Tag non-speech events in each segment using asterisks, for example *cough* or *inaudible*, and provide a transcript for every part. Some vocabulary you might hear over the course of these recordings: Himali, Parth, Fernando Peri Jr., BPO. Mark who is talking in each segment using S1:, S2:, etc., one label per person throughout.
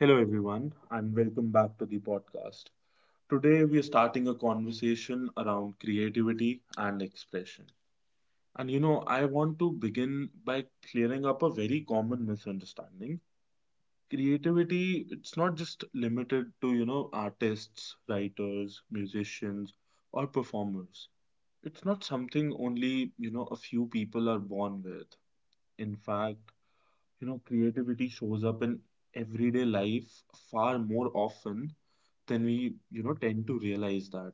S1: Hello, everyone, and welcome back to the podcast. Today, we are starting a conversation around creativity and expression. I want to begin by clearing up a very common misunderstanding. Creativity, it's not just limited to, artists, writers, musicians, or performers. It's not something only, a few people are born with. In fact, creativity shows up in everyday life far more often then we, tend to realize that.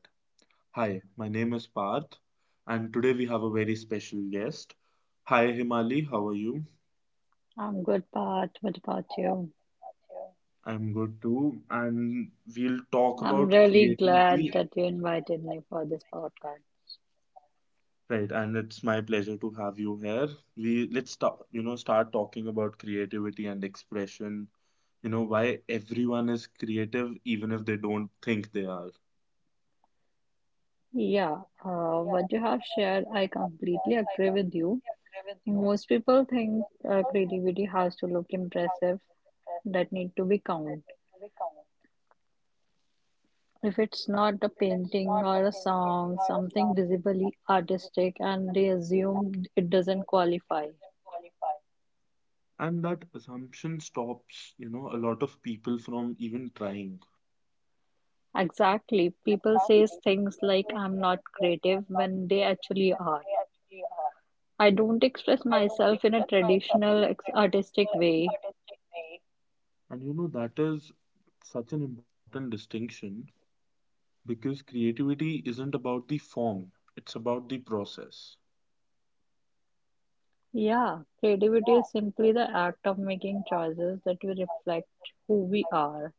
S1: Hi, my name is Parth, and today we have a very special guest. Hi, Himali, how are you?
S2: I'm good, Pat. What about you?
S1: I'm good too, and we'll talk
S2: I'm
S1: about
S2: really glad
S1: creativity.
S2: that you invited me for this podcast.
S1: Right, and it's my pleasure to have you here. We let's start, start talking about creativity and expression. Why everyone is creative, even if they don't think they are.
S2: Yeah, what you have shared, I completely agree with you. Most people think creativity has to look impressive, that need to be count. If it's not a painting or a song, something visibly artistic, and they assume it doesn't qualify.
S1: And that assumption stops, a lot of people from even trying.
S2: Exactly. People says things like I'm not creative when they actually are. I don't express myself in a traditional artistic way.
S1: That is such an important distinction because creativity isn't about the form, it's about the process.
S2: Yeah, creativity is simply the act of making choices that will reflect who we are.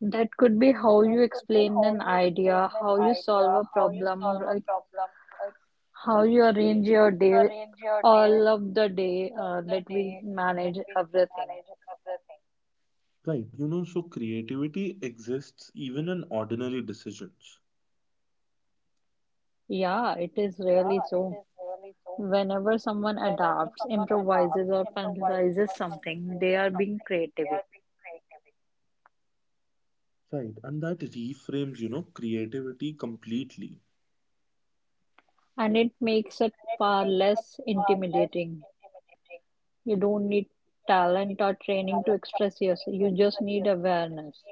S2: That could be how you explain an idea, how you solve a problem, like how you arrange your day, all of the day that we manage everything.
S1: Right, so creativity exists even in ordinary decisions.
S2: Yeah, it is really so. Whenever someone adapts, improvises, or penalizes something, they are being creative.
S1: Right, and that reframes, creativity completely.
S2: And it makes it far less intimidating. You don't need talent or training to express yourself. You just need awareness.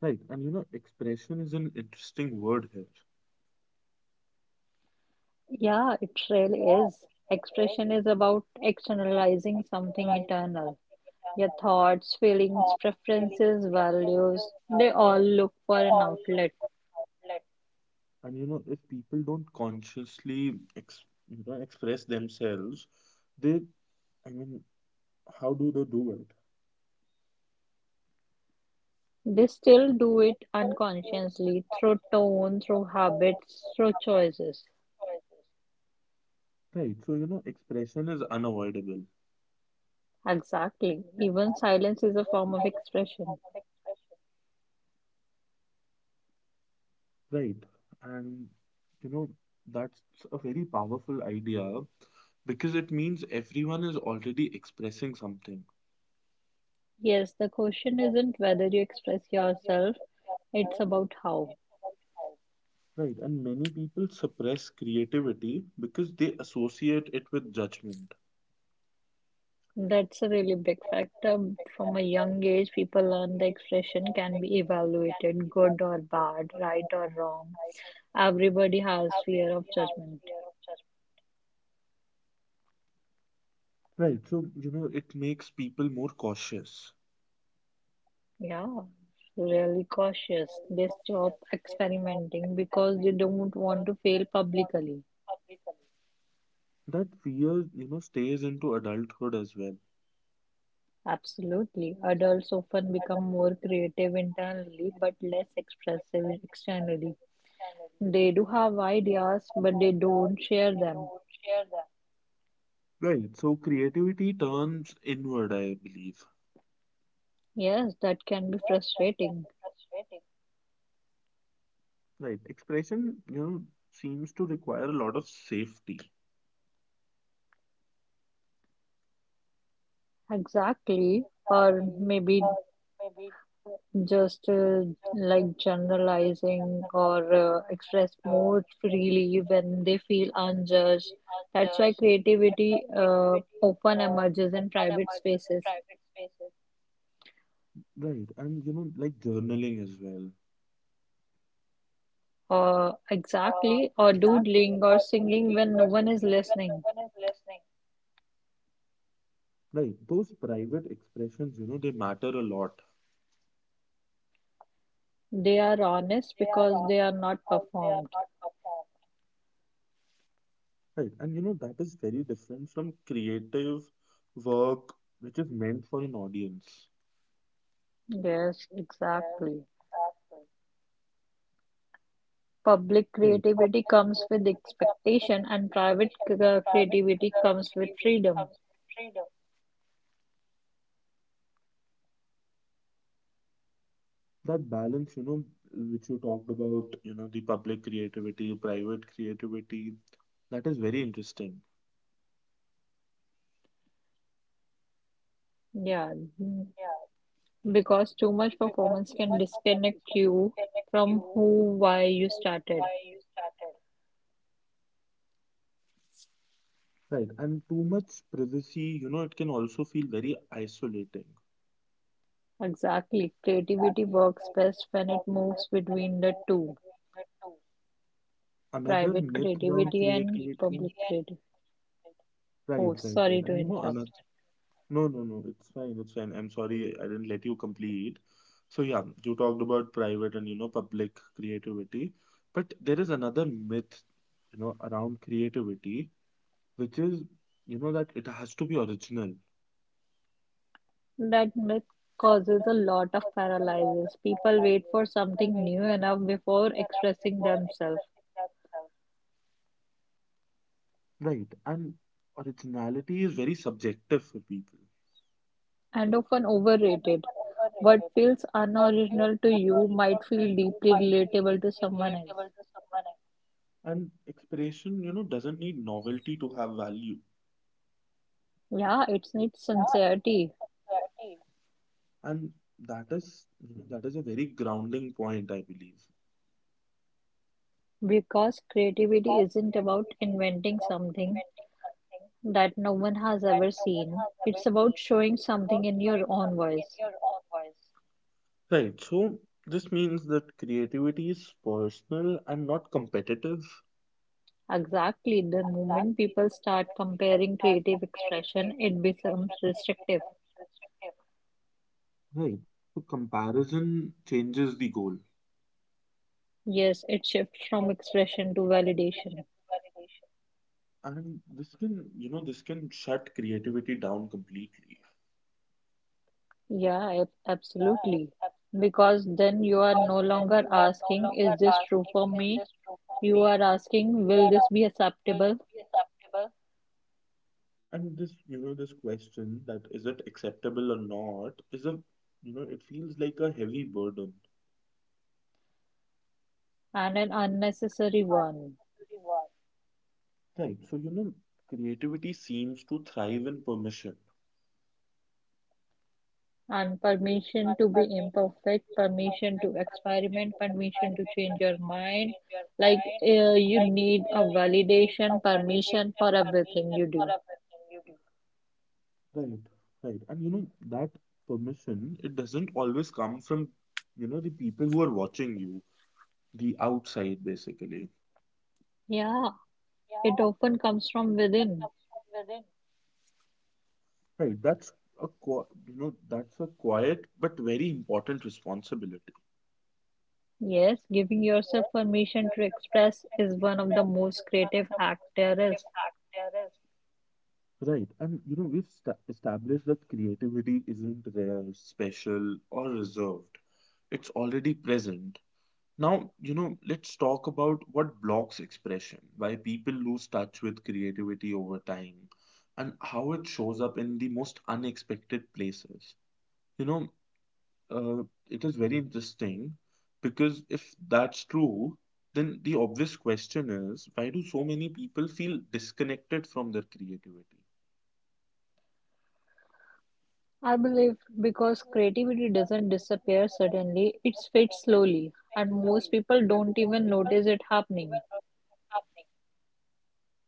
S1: Right, expression is an interesting word here.
S2: Yeah, it really is. Expression is about externalizing something internal. Your thoughts, feelings, preferences, values, they all look for an outlet.
S1: And if people don't express themselves, they, I mean, how do they do it?
S2: They still do it unconsciously through tone, through habits, through choices.
S1: Right, so expression is unavoidable.
S2: Exactly. Even silence is a form of expression.
S1: Right. And you know, that's a very powerful idea because it means everyone is already expressing something.
S2: Yes, the question isn't whether you express yourself, it's about how.
S1: Right. And many people suppress creativity because they associate it with judgment.
S2: That's a really big factor. From a young age, people learn the expression can be evaluated good or bad, right or wrong. Everybody has fear of judgment.
S1: Right. So, it makes people more cautious.
S2: Yeah, really cautious. They stop experimenting because they don't want to fail publicly.
S1: That fear, stays into adulthood as well.
S2: Absolutely. Adults often become more creative internally but less expressive externally. They do have ideas, but they don't share them.
S1: Right. So creativity turns inward, I believe.
S2: Yes, that can be frustrating.
S1: Right. Expression, seems to require a lot of safety.
S2: Exactly. Or maybe just like generalizing or express more freely when they feel unjudged. That's why creativity often emerges in private spaces.
S1: Right. Like journaling as well.
S2: Exactly, or doodling or singing when no one is listening.
S1: Right. Those private expressions, they matter a lot.
S2: They are honest because they are not performed.
S1: Right. And that is very different from creative work, which is meant for an audience.
S2: Yes, exactly. Public creativity comes with expectation, and private creativity comes with freedom.
S1: That balance, which you talked about, the public creativity, private creativity, that is very interesting.
S2: Yeah, mm, because too much performance can disconnect you from who, why you started.
S1: Right. And too much privacy, it can also feel very isolating.
S2: Exactly. Creativity works best when it moves between the two,
S1: Another
S2: private
S1: myth around
S2: creativity and
S1: creativity.
S2: public creativity. Oh, sorry
S1: Right.
S2: to
S1: And another
S2: interrupt.
S1: no, no, no. It's fine. It's fine. I'm sorry I didn't let you complete. So yeah, you talked about private and public creativity, but there is another myth, around creativity, which is, that it has to be original,
S2: That myth causes a lot of paralysis. People wait for something new enough before expressing themselves.
S1: right? And originality is very subjective for people.
S2: And often overrated. What feels unoriginal to you might feel deeply relatable to someone else.
S1: And expression, doesn't need novelty to have value.
S2: Yeah, it's needs sincerity
S1: And that is, that is a very grounding point, I believe.
S2: because creativity isn't about inventing something that no one has ever seen. It's about showing something in your own voice.
S1: Right. So this means that creativity is personal and not competitive.
S2: Exactly, the moment people start comparing creative expression, it becomes restrictive.
S1: Right. So comparison changes the goal.
S2: Yes, it shifts from expression to validation.
S1: And this can, this can shut creativity down completely.
S2: Yeah, absolutely. Because then you are no longer asking, is this true for me? You are asking, will this be acceptable?
S1: And this, this question that is it acceptable or not is a, you know, it feels like a heavy burden.
S2: And an unnecessary one.
S1: Right. So, creativity seems to thrive in permission.
S2: And permission to be imperfect, permission to experiment, permission to change your mind. Like, you need a validation, permission for everything you do.
S1: Right. Right. And, that permission, it doesn't always come from, the people who are watching you, the outside basically.
S2: Yeah, it often comes from within.
S1: Right that's that's a quiet but very important responsibility.
S2: Yes, giving yourself permission to express is one of the most creative acts there is.
S1: Right and you know we've sta established that creativity isn't rare, special, or reserved. It's already present now. Let's talk about what blocks expression, why people lose touch with creativity over time, and how it shows up in the most unexpected places, you know Uh, it is very interesting because if that's true, then the obvious question is why do so many people feel disconnected from their creativity?
S2: I believe because creativity doesn't disappear suddenly, it fades slowly, and most people don't even notice it happening.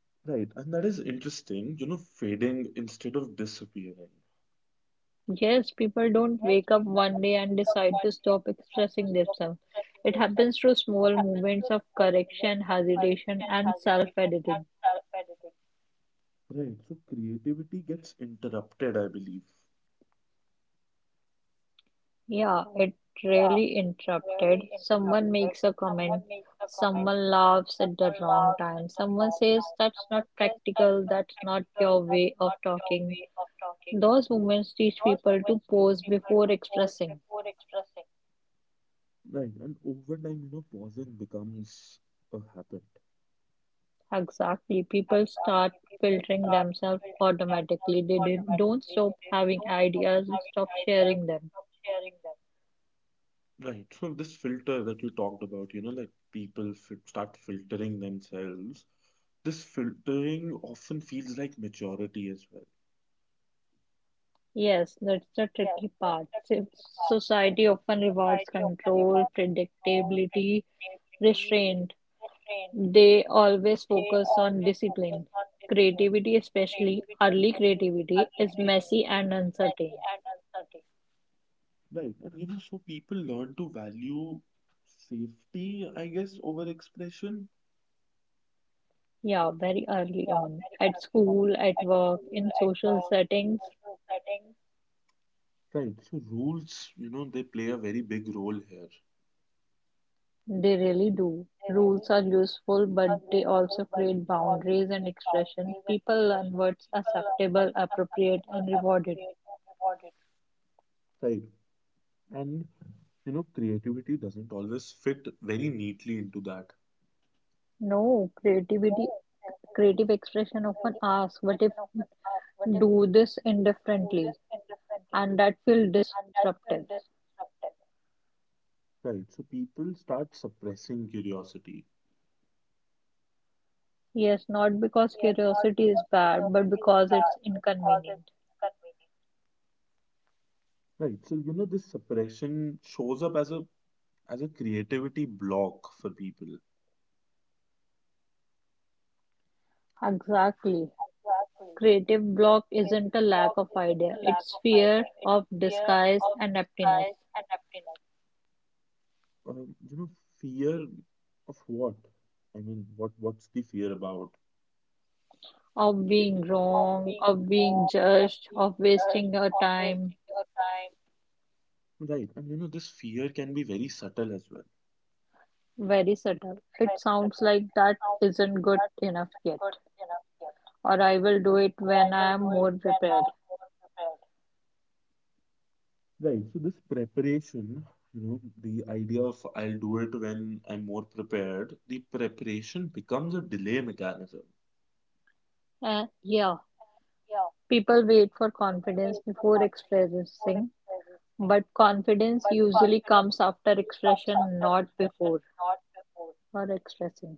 S1: Right, and that is interesting, fading instead of disappearing.
S2: Yes, people don't wake up one day and decide to stop expressing themselves. It happens through small movements of correction, hesitation, and self editing.
S1: Right, so creativity gets interrupted, I believe.
S2: Yeah, it really interrupted. Someone makes a comment, someone laughs at the wrong time, someone says that's not practical, that's not your way of talking. Those moments teach people to pause before expressing.
S1: Right, and over time, pausing becomes a habit.
S2: Exactly, people start filtering themselves automatically. They don't stop having ideas, they stop sharing them.
S1: Right. So this filter that you talked about, like start filtering themselves. This filtering often feels like maturity as well.
S2: Yes, that's the tricky part. Society often rewards control, predictability, restraint. They always focus on discipline. Creativity, especially early creativity, is messy and uncertain.
S1: Right. And so people learn to value safety, I guess, over expression.
S2: Yeah, very early on. At school, at work, in social settings,
S1: Right. So rules, they play a very big role here.
S2: they really do. Rules are useful, but they also create boundaries and expression. People learn what's acceptable, appropriate, and rewarded.
S1: Right. And creativity doesn't always fit very neatly into that.
S2: No, creative expression often asks, what if do this indifferently? And that feels disruptive.
S1: Right. So people start suppressing curiosity.
S2: Yes, not because curiosity is bad, but because it's inconvenient.
S1: Right. So, this suppression shows up as a creativity block for people.
S2: Exactly. Creative block isn't a lack of idea, it's fear of disguise and emptiness,
S1: Um, you know, fear of what? What's the fear about?
S2: of being wrong, of being judged, of wasting your time.
S1: Right, and this fear can be very subtle as well.
S2: Very subtle. It sounds like that isn't good enough yet, or I will do it when I am more prepared.
S1: Right, so this preparation, the idea of I'll do it when I'm more prepared, the preparation becomes a delay mechanism.
S2: Eh, yeah, people wait for confidence before expressing. But confidence usually comes after expression, not before or expressing.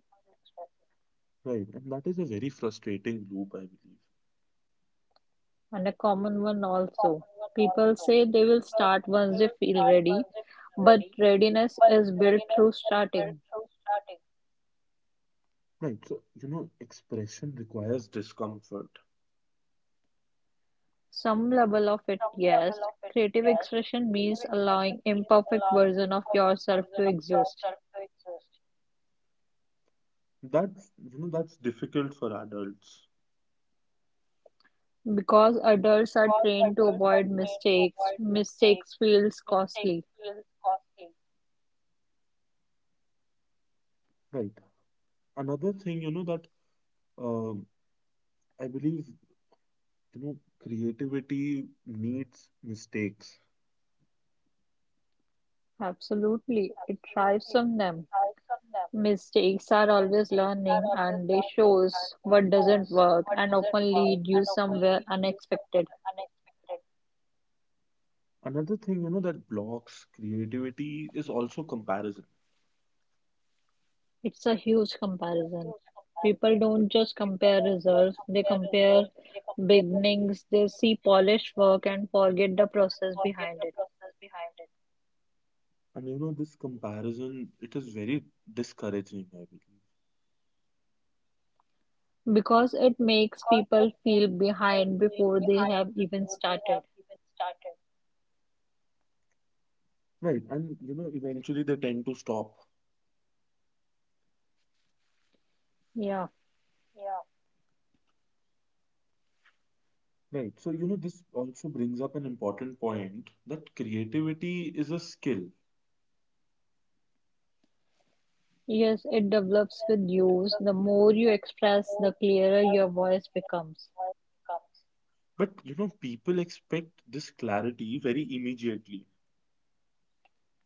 S1: Right, and that is a very frustrating loop, I believe.
S2: And a common one also. People say they will start once they feel ready, but readiness is built through starting.
S1: Right, so expression requires discomfort.
S2: Some level of it, yes. Creative expression means allowing imperfect version of yourself to exist.
S1: That's difficult for adults.
S2: Because adults are trained to avoid mistakes, mistakes feels costly.
S1: Right. Another thing that um, I believe you know creativity needs mistakes.
S2: Absolutely, it thrives on them. Mistakes are always learning and they shows what doesn't work and often lead you somewhere unexpected.
S1: Another thing that blocks creativity is also comparison.
S2: It's a huge comparison. People don't just compare results, they compare beginnings, they see polished work and forget the process behind it.
S1: And this comparison, it is very discouraging, I believe.
S2: Because it makes people feel behind before they have even started.
S1: Right, and eventually they tend to stop.
S2: Yeah.
S1: Right, so this also brings up an important point that creativity is a skill.
S2: Yes, it develops with use. The more you express, the clearer your voice becomes.
S1: But people expect this clarity very immediately.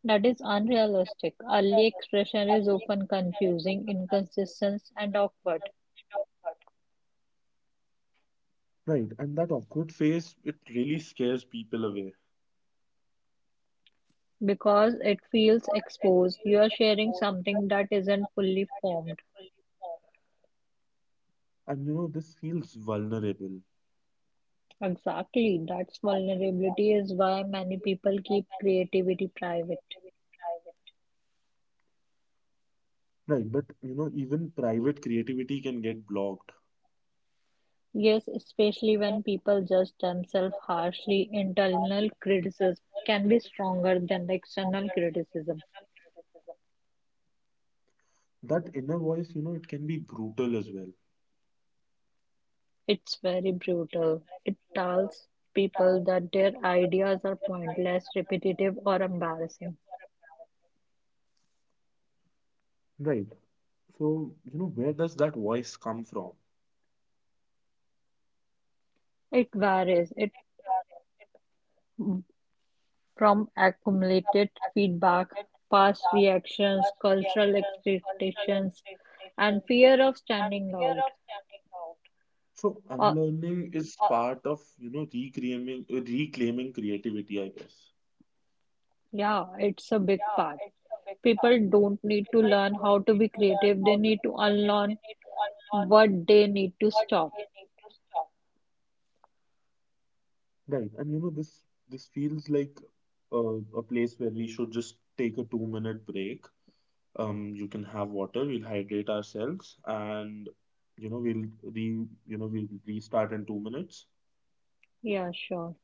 S2: That is unrealistic. Early expression is often confusing, inconsistent, and awkward
S1: Right, and that awkward phase, it really scares people away.
S2: because it feels exposed. You are sharing something that isn't fully formed.
S1: And this feels vulnerable.
S2: Exactly, that's vulnerability is why many people keep creativity private.
S1: Right, but even private creativity can get blocked.
S2: Yes, especially when people judge themselves harshly, internal criticism can be stronger than the external criticism.
S1: That inner voice, it can be brutal as well.
S2: It's very brutal. It tells people that their ideas are pointless, repetitive, or embarrassing.
S1: Right, so where does that voice come from?
S2: It varies. It from accumulated feedback, past reactions, cultural expectations, and fear of standing out.
S1: So
S2: Uh,
S1: unlearning is part of reclaiming reclaiming creativity, I guess.
S2: yeah, it's a big part. People don't need to learn how to be creative. They need to unlearn what they need to stop.
S1: Right, and this this feels like a place where we should just take a 2-minute break. You can have water, we'll hydrate ourselves, and you know we'll re we'll restart in 2 minutes.
S2: Yeah, sure.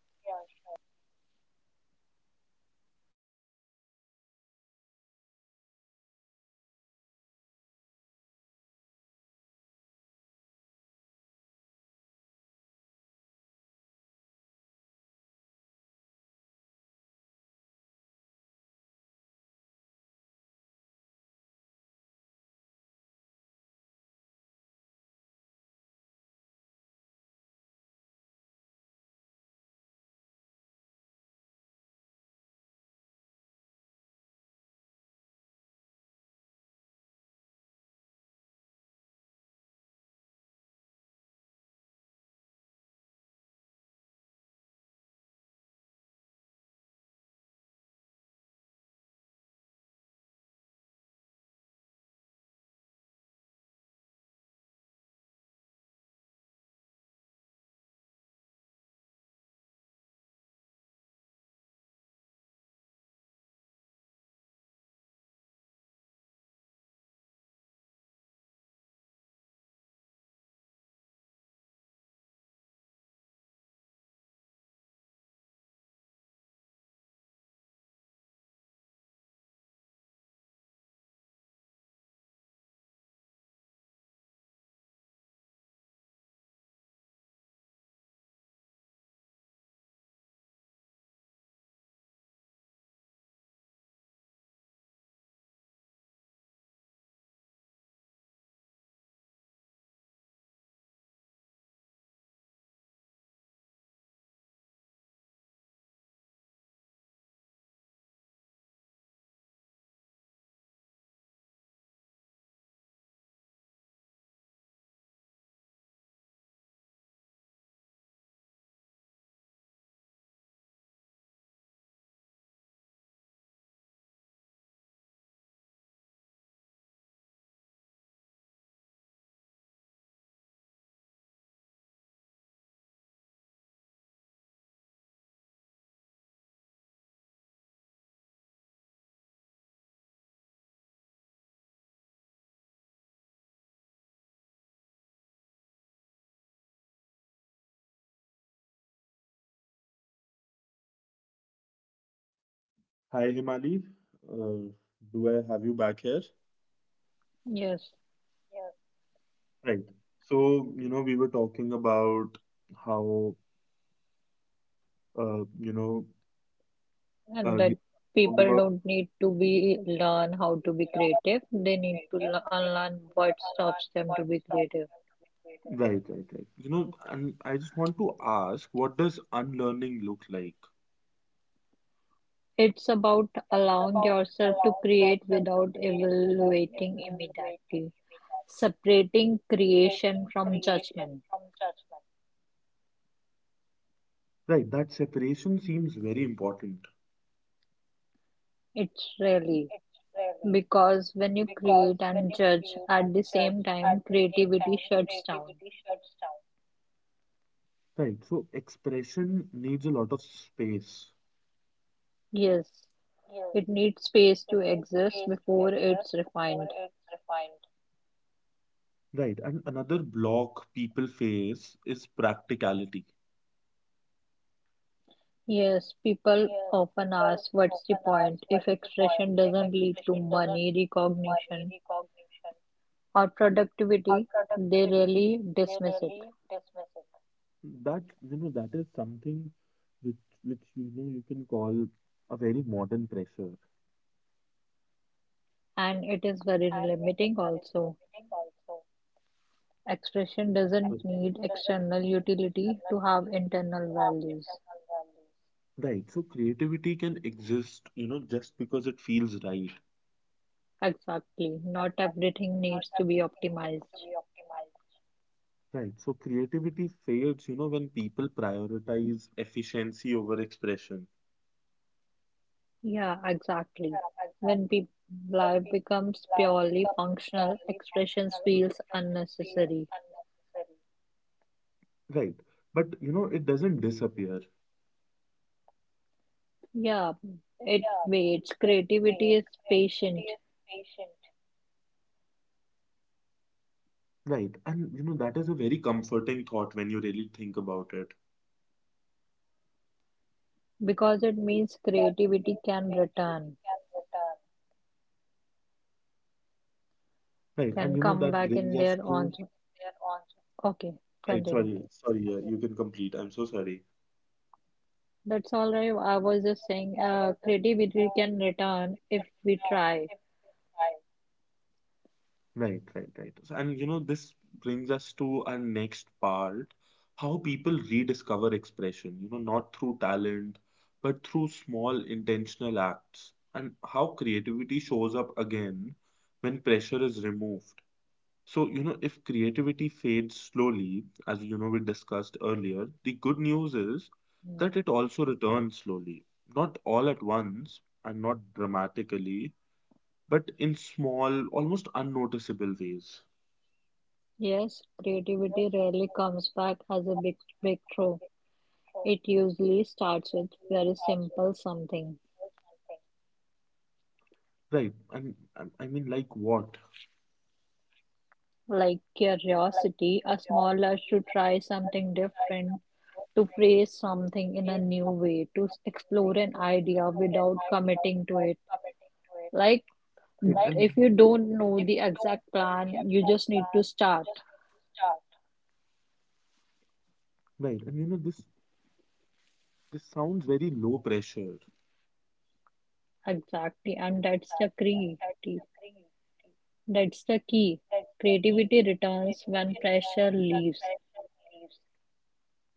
S1: Hi, Himali, uh, do I have you back here?
S2: Yes.
S1: Right. So we were talking about how uh, you know
S2: And
S1: you
S2: that
S1: talked
S2: people
S1: about
S2: don't need to be learn how to be creative. They need to unlearn what stops them to be creative.
S1: right, and I just want to ask, what does unlearning look like?
S2: It's about allowing yourself to create without evaluating immediately, separating creation from judgment.
S1: Right, that separation seems very important.
S2: It's really because when you create and judge at the same time, creativity shuts down.
S1: Right, so expression needs a lot of space.
S2: Yes, it needs space to exist before it's refined.
S1: Right. And another block people face is practicality.
S2: Yes, people often ask what's the point if expression doesn't lead to money, recognition, or productivity. They really dismiss it,
S1: That you know that is something which, you can call a very modern pressure.
S2: and it is very limiting also. Expression
S1: So-
S2: doesn't need external utility to have internal values.
S1: Right. So creativity can exist, just because it feels right.
S2: Exactly. Not everything needs to be optimized.
S1: Right. So creativity fades, when people prioritize efficiency over expression.
S2: Yeah, exactly. When life becomes purely functional, expressions feels unnecessary.
S1: Right. But, it doesn't disappear.
S2: Yeah, it waits. Creativity is patient
S1: Right. And, that is a very comforting thought when you really think about it.
S2: because it means creativity can return,
S1: Right. And
S2: can
S1: you know,
S2: come
S1: that
S2: back
S1: brings
S2: in
S1: us
S2: their own.
S1: to,
S2: Okay,
S1: right,
S2: continue.
S1: sorry, you can complete. I'm so sorry.
S2: That's all right. I was just saying, creativity can return if we try.
S1: Right. So, and this brings us to our next part: how people rediscover expression, not through talent, but through small intentional acts, and how creativity shows up again when pressure is removed. So, if creativity fades slowly, as we discussed earlier, the good news is
S2: Yeah.
S1: that it also returns slowly, not all at once and not dramatically, but in small, almost unnoticeable ways.
S2: Yes, creativity rarely comes back as a big breakthrough. It usually starts with very simple something
S1: Right. And I mean, like what?
S2: like curiosity, a small urge to try something different to praise something in a new way, to explore an idea without committing to it. Like,
S1: Right. And
S2: if you don't know the exact plan, you just need to start.
S1: right. And this this sounds very low pressure.
S2: Exactly. And that's the creativity. That's the key. Creativity returns when pressure leaves.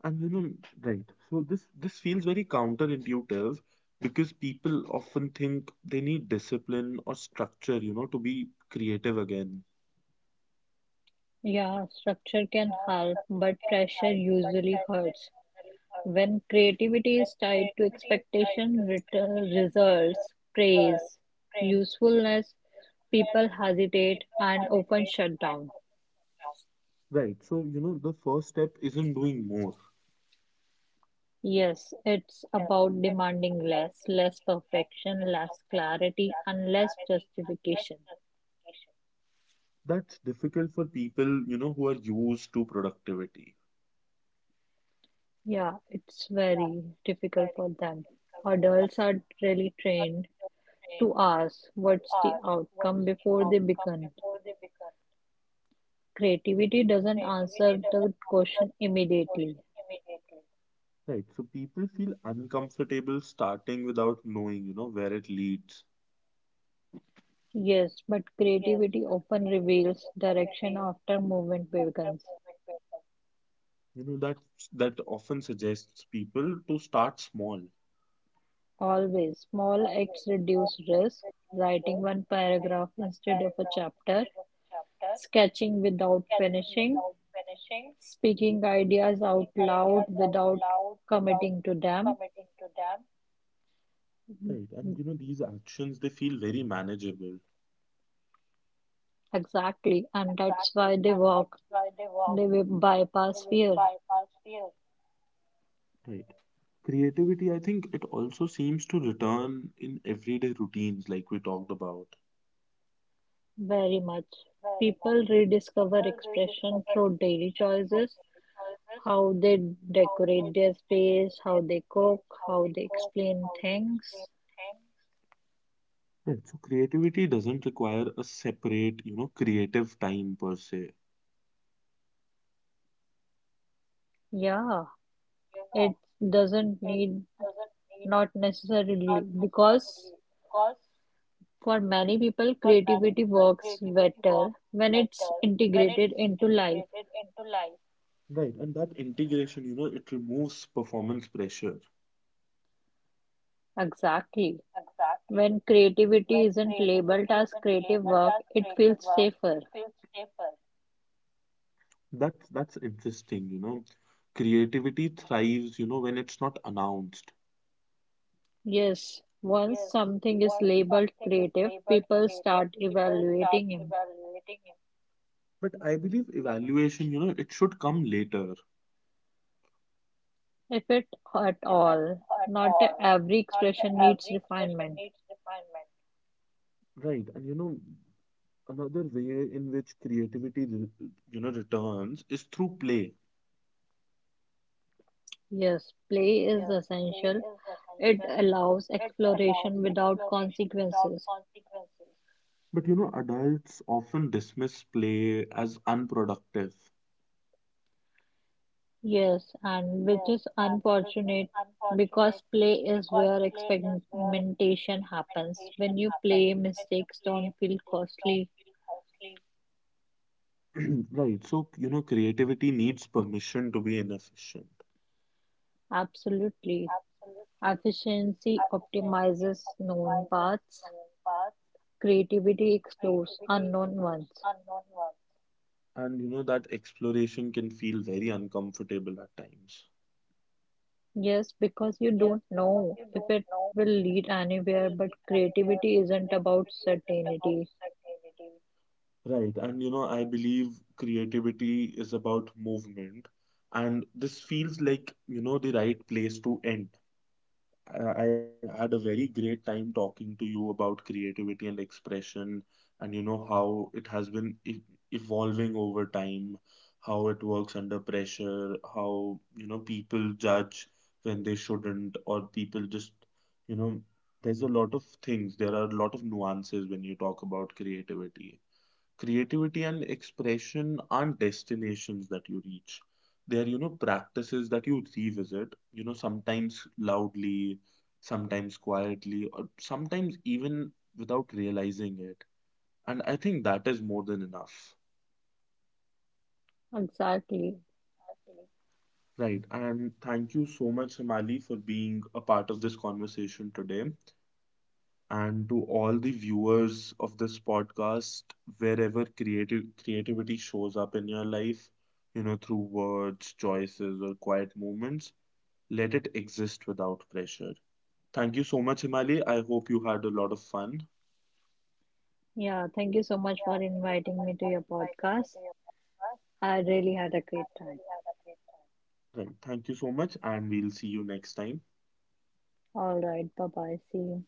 S1: And you know, right. So this feels very counterintuitive because people often think they need discipline or structure, to be creative again.
S2: Yeah, structure can help, but pressure usually hurts. When creativity is tied to expectation, return, results, praise, usefulness, people hesitate and often shut down.
S1: Right. So, the first step isn't doing more.
S2: Yes, it's about demanding less, less perfection, less clarity, and less justification.
S1: That's difficult for people, who are used to productivity.
S2: Yeah, it's very difficult for them. Adults are really trained to ask what's the outcome before they begin. Creativity doesn't answer the question immediately.
S1: Right. So people feel uncomfortable starting without knowing, where it leads.
S2: Yes, but creativity often reveals direction after movement begins.
S1: That that often suggests people to start small.
S2: Always, small acts reduce risk. Writing one paragraph instead of a chapter, sketching without finishing, speaking ideas out loud without committing to them.
S1: Right. And these actions, they feel very manageable.
S2: Exactly, and that's why they walk. They will bypass fear
S1: Right. Creativity, I think it also seems to return in everyday routines, like we talked about.
S2: very much. People rediscover expression through daily choices, how they decorate their space, how they cook, how they explain things.
S1: Right. So creativity doesn't require a separate, creative time per se.
S2: Yeah, it doesn't need, not necessarily, because for many people, creativity works better when it's integrated into life.
S1: Right. And that integration, it removes performance pressure.
S2: Exactly. When creativity isn't labeled as creative work, it feels safer.
S1: That's interesting, Creativity thrives, when it's not announced.
S2: Yes, once something is labeled creative, people start evaluating.
S1: But I believe evaluation, it should come later.
S2: If it at all, not every expression needs refinement.
S1: Right, and another way in which returns is through play.
S2: Yes, play is essential. It allows exploration without consequences.
S1: But adults often dismiss play as unproductive.
S2: Yes, and which is unfortunate because play is where experimentation happens. When you play, mistakes don't feel costly.
S1: *clears throat* Right, so creativity needs permission to be inefficient.
S2: Absolutely. Efficiency optimizes known paths, creativity explores unknown ones.
S1: And that exploration can feel very uncomfortable at times.
S2: Yes, because you don't know if it will lead anywhere, but creativity isn't about certainty.
S1: Right, and I believe creativity is about movement, and this feels like, the right place to end. I had a very great time talking to you about creativity and expression, and how it has been evolving over time, how it works under pressure, how people judge when they shouldn't, or people just you know there's a lot of things. There are a lot of nuances when you talk about creativity. And expression aren't destinations that you reach. They are, practices that you revisit, sometimes loudly, sometimes quietly, or sometimes even without realizing it, and I think that is more than enough.
S2: Exactly.
S1: Right, and thank you so much, Somali, for being a part of this conversation today, and to all the viewers of this podcast, wherever creative creativity shows up in your life, through words, choices, or quiet moments, let it exist without pressure. Thank you so much, Himali. I hope you had a lot of fun.
S2: Yeah, thank you so much for inviting me to your podcast. I really had a great time.
S1: Right. Thank you so much, and we'll see you next time.
S2: All right, bye bye. See you.